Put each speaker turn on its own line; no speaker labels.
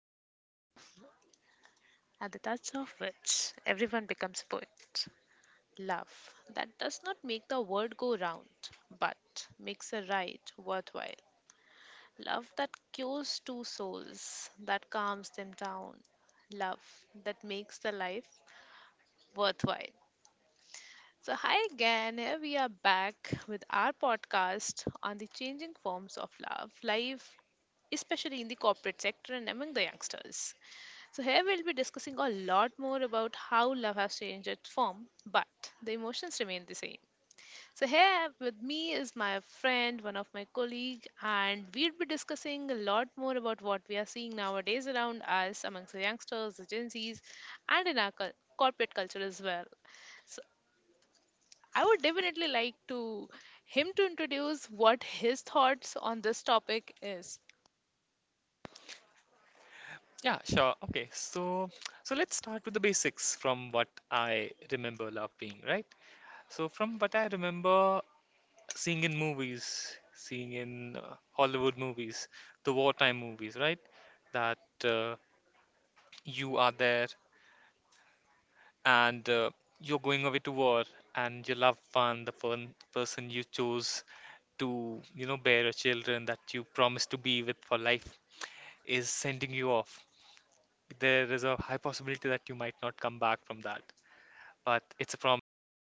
At the touch of at the touch of which everyone becomes a poet. Love that does not make the world go round, but makes a ride worthwhile. Love that cures two souls, that calms them down. Love that makes the life worthwhile. So, hi again. Here we are back with our podcast on the changing forms of love, life, especially in the corporate sector and among the youngsters. So, here we'll be discussing a lot more about how love has changed its form, but the emotions remain the same. So, here with me is my friend, one of my colleague, and we'll be discussing a lot more about what we are seeing nowadays around us, amongst the youngsters, the Gen Zs, and in our corporate culture as well. So, I would definitely like to him to introduce what his thoughts on this topic is.
Yeah, sure. Okay, so let's start with the basics from what I remember love being, right? So from what I remember seeing in movies, seeing in Hollywood movies, the wartime movies, right? That uh, you are there and you're going away to war, and your loved one, the person you chose to, you know, bear your children that you promised to be with for life, is sending you off. There is a high possibility that you might not come back from that, but it's a promise that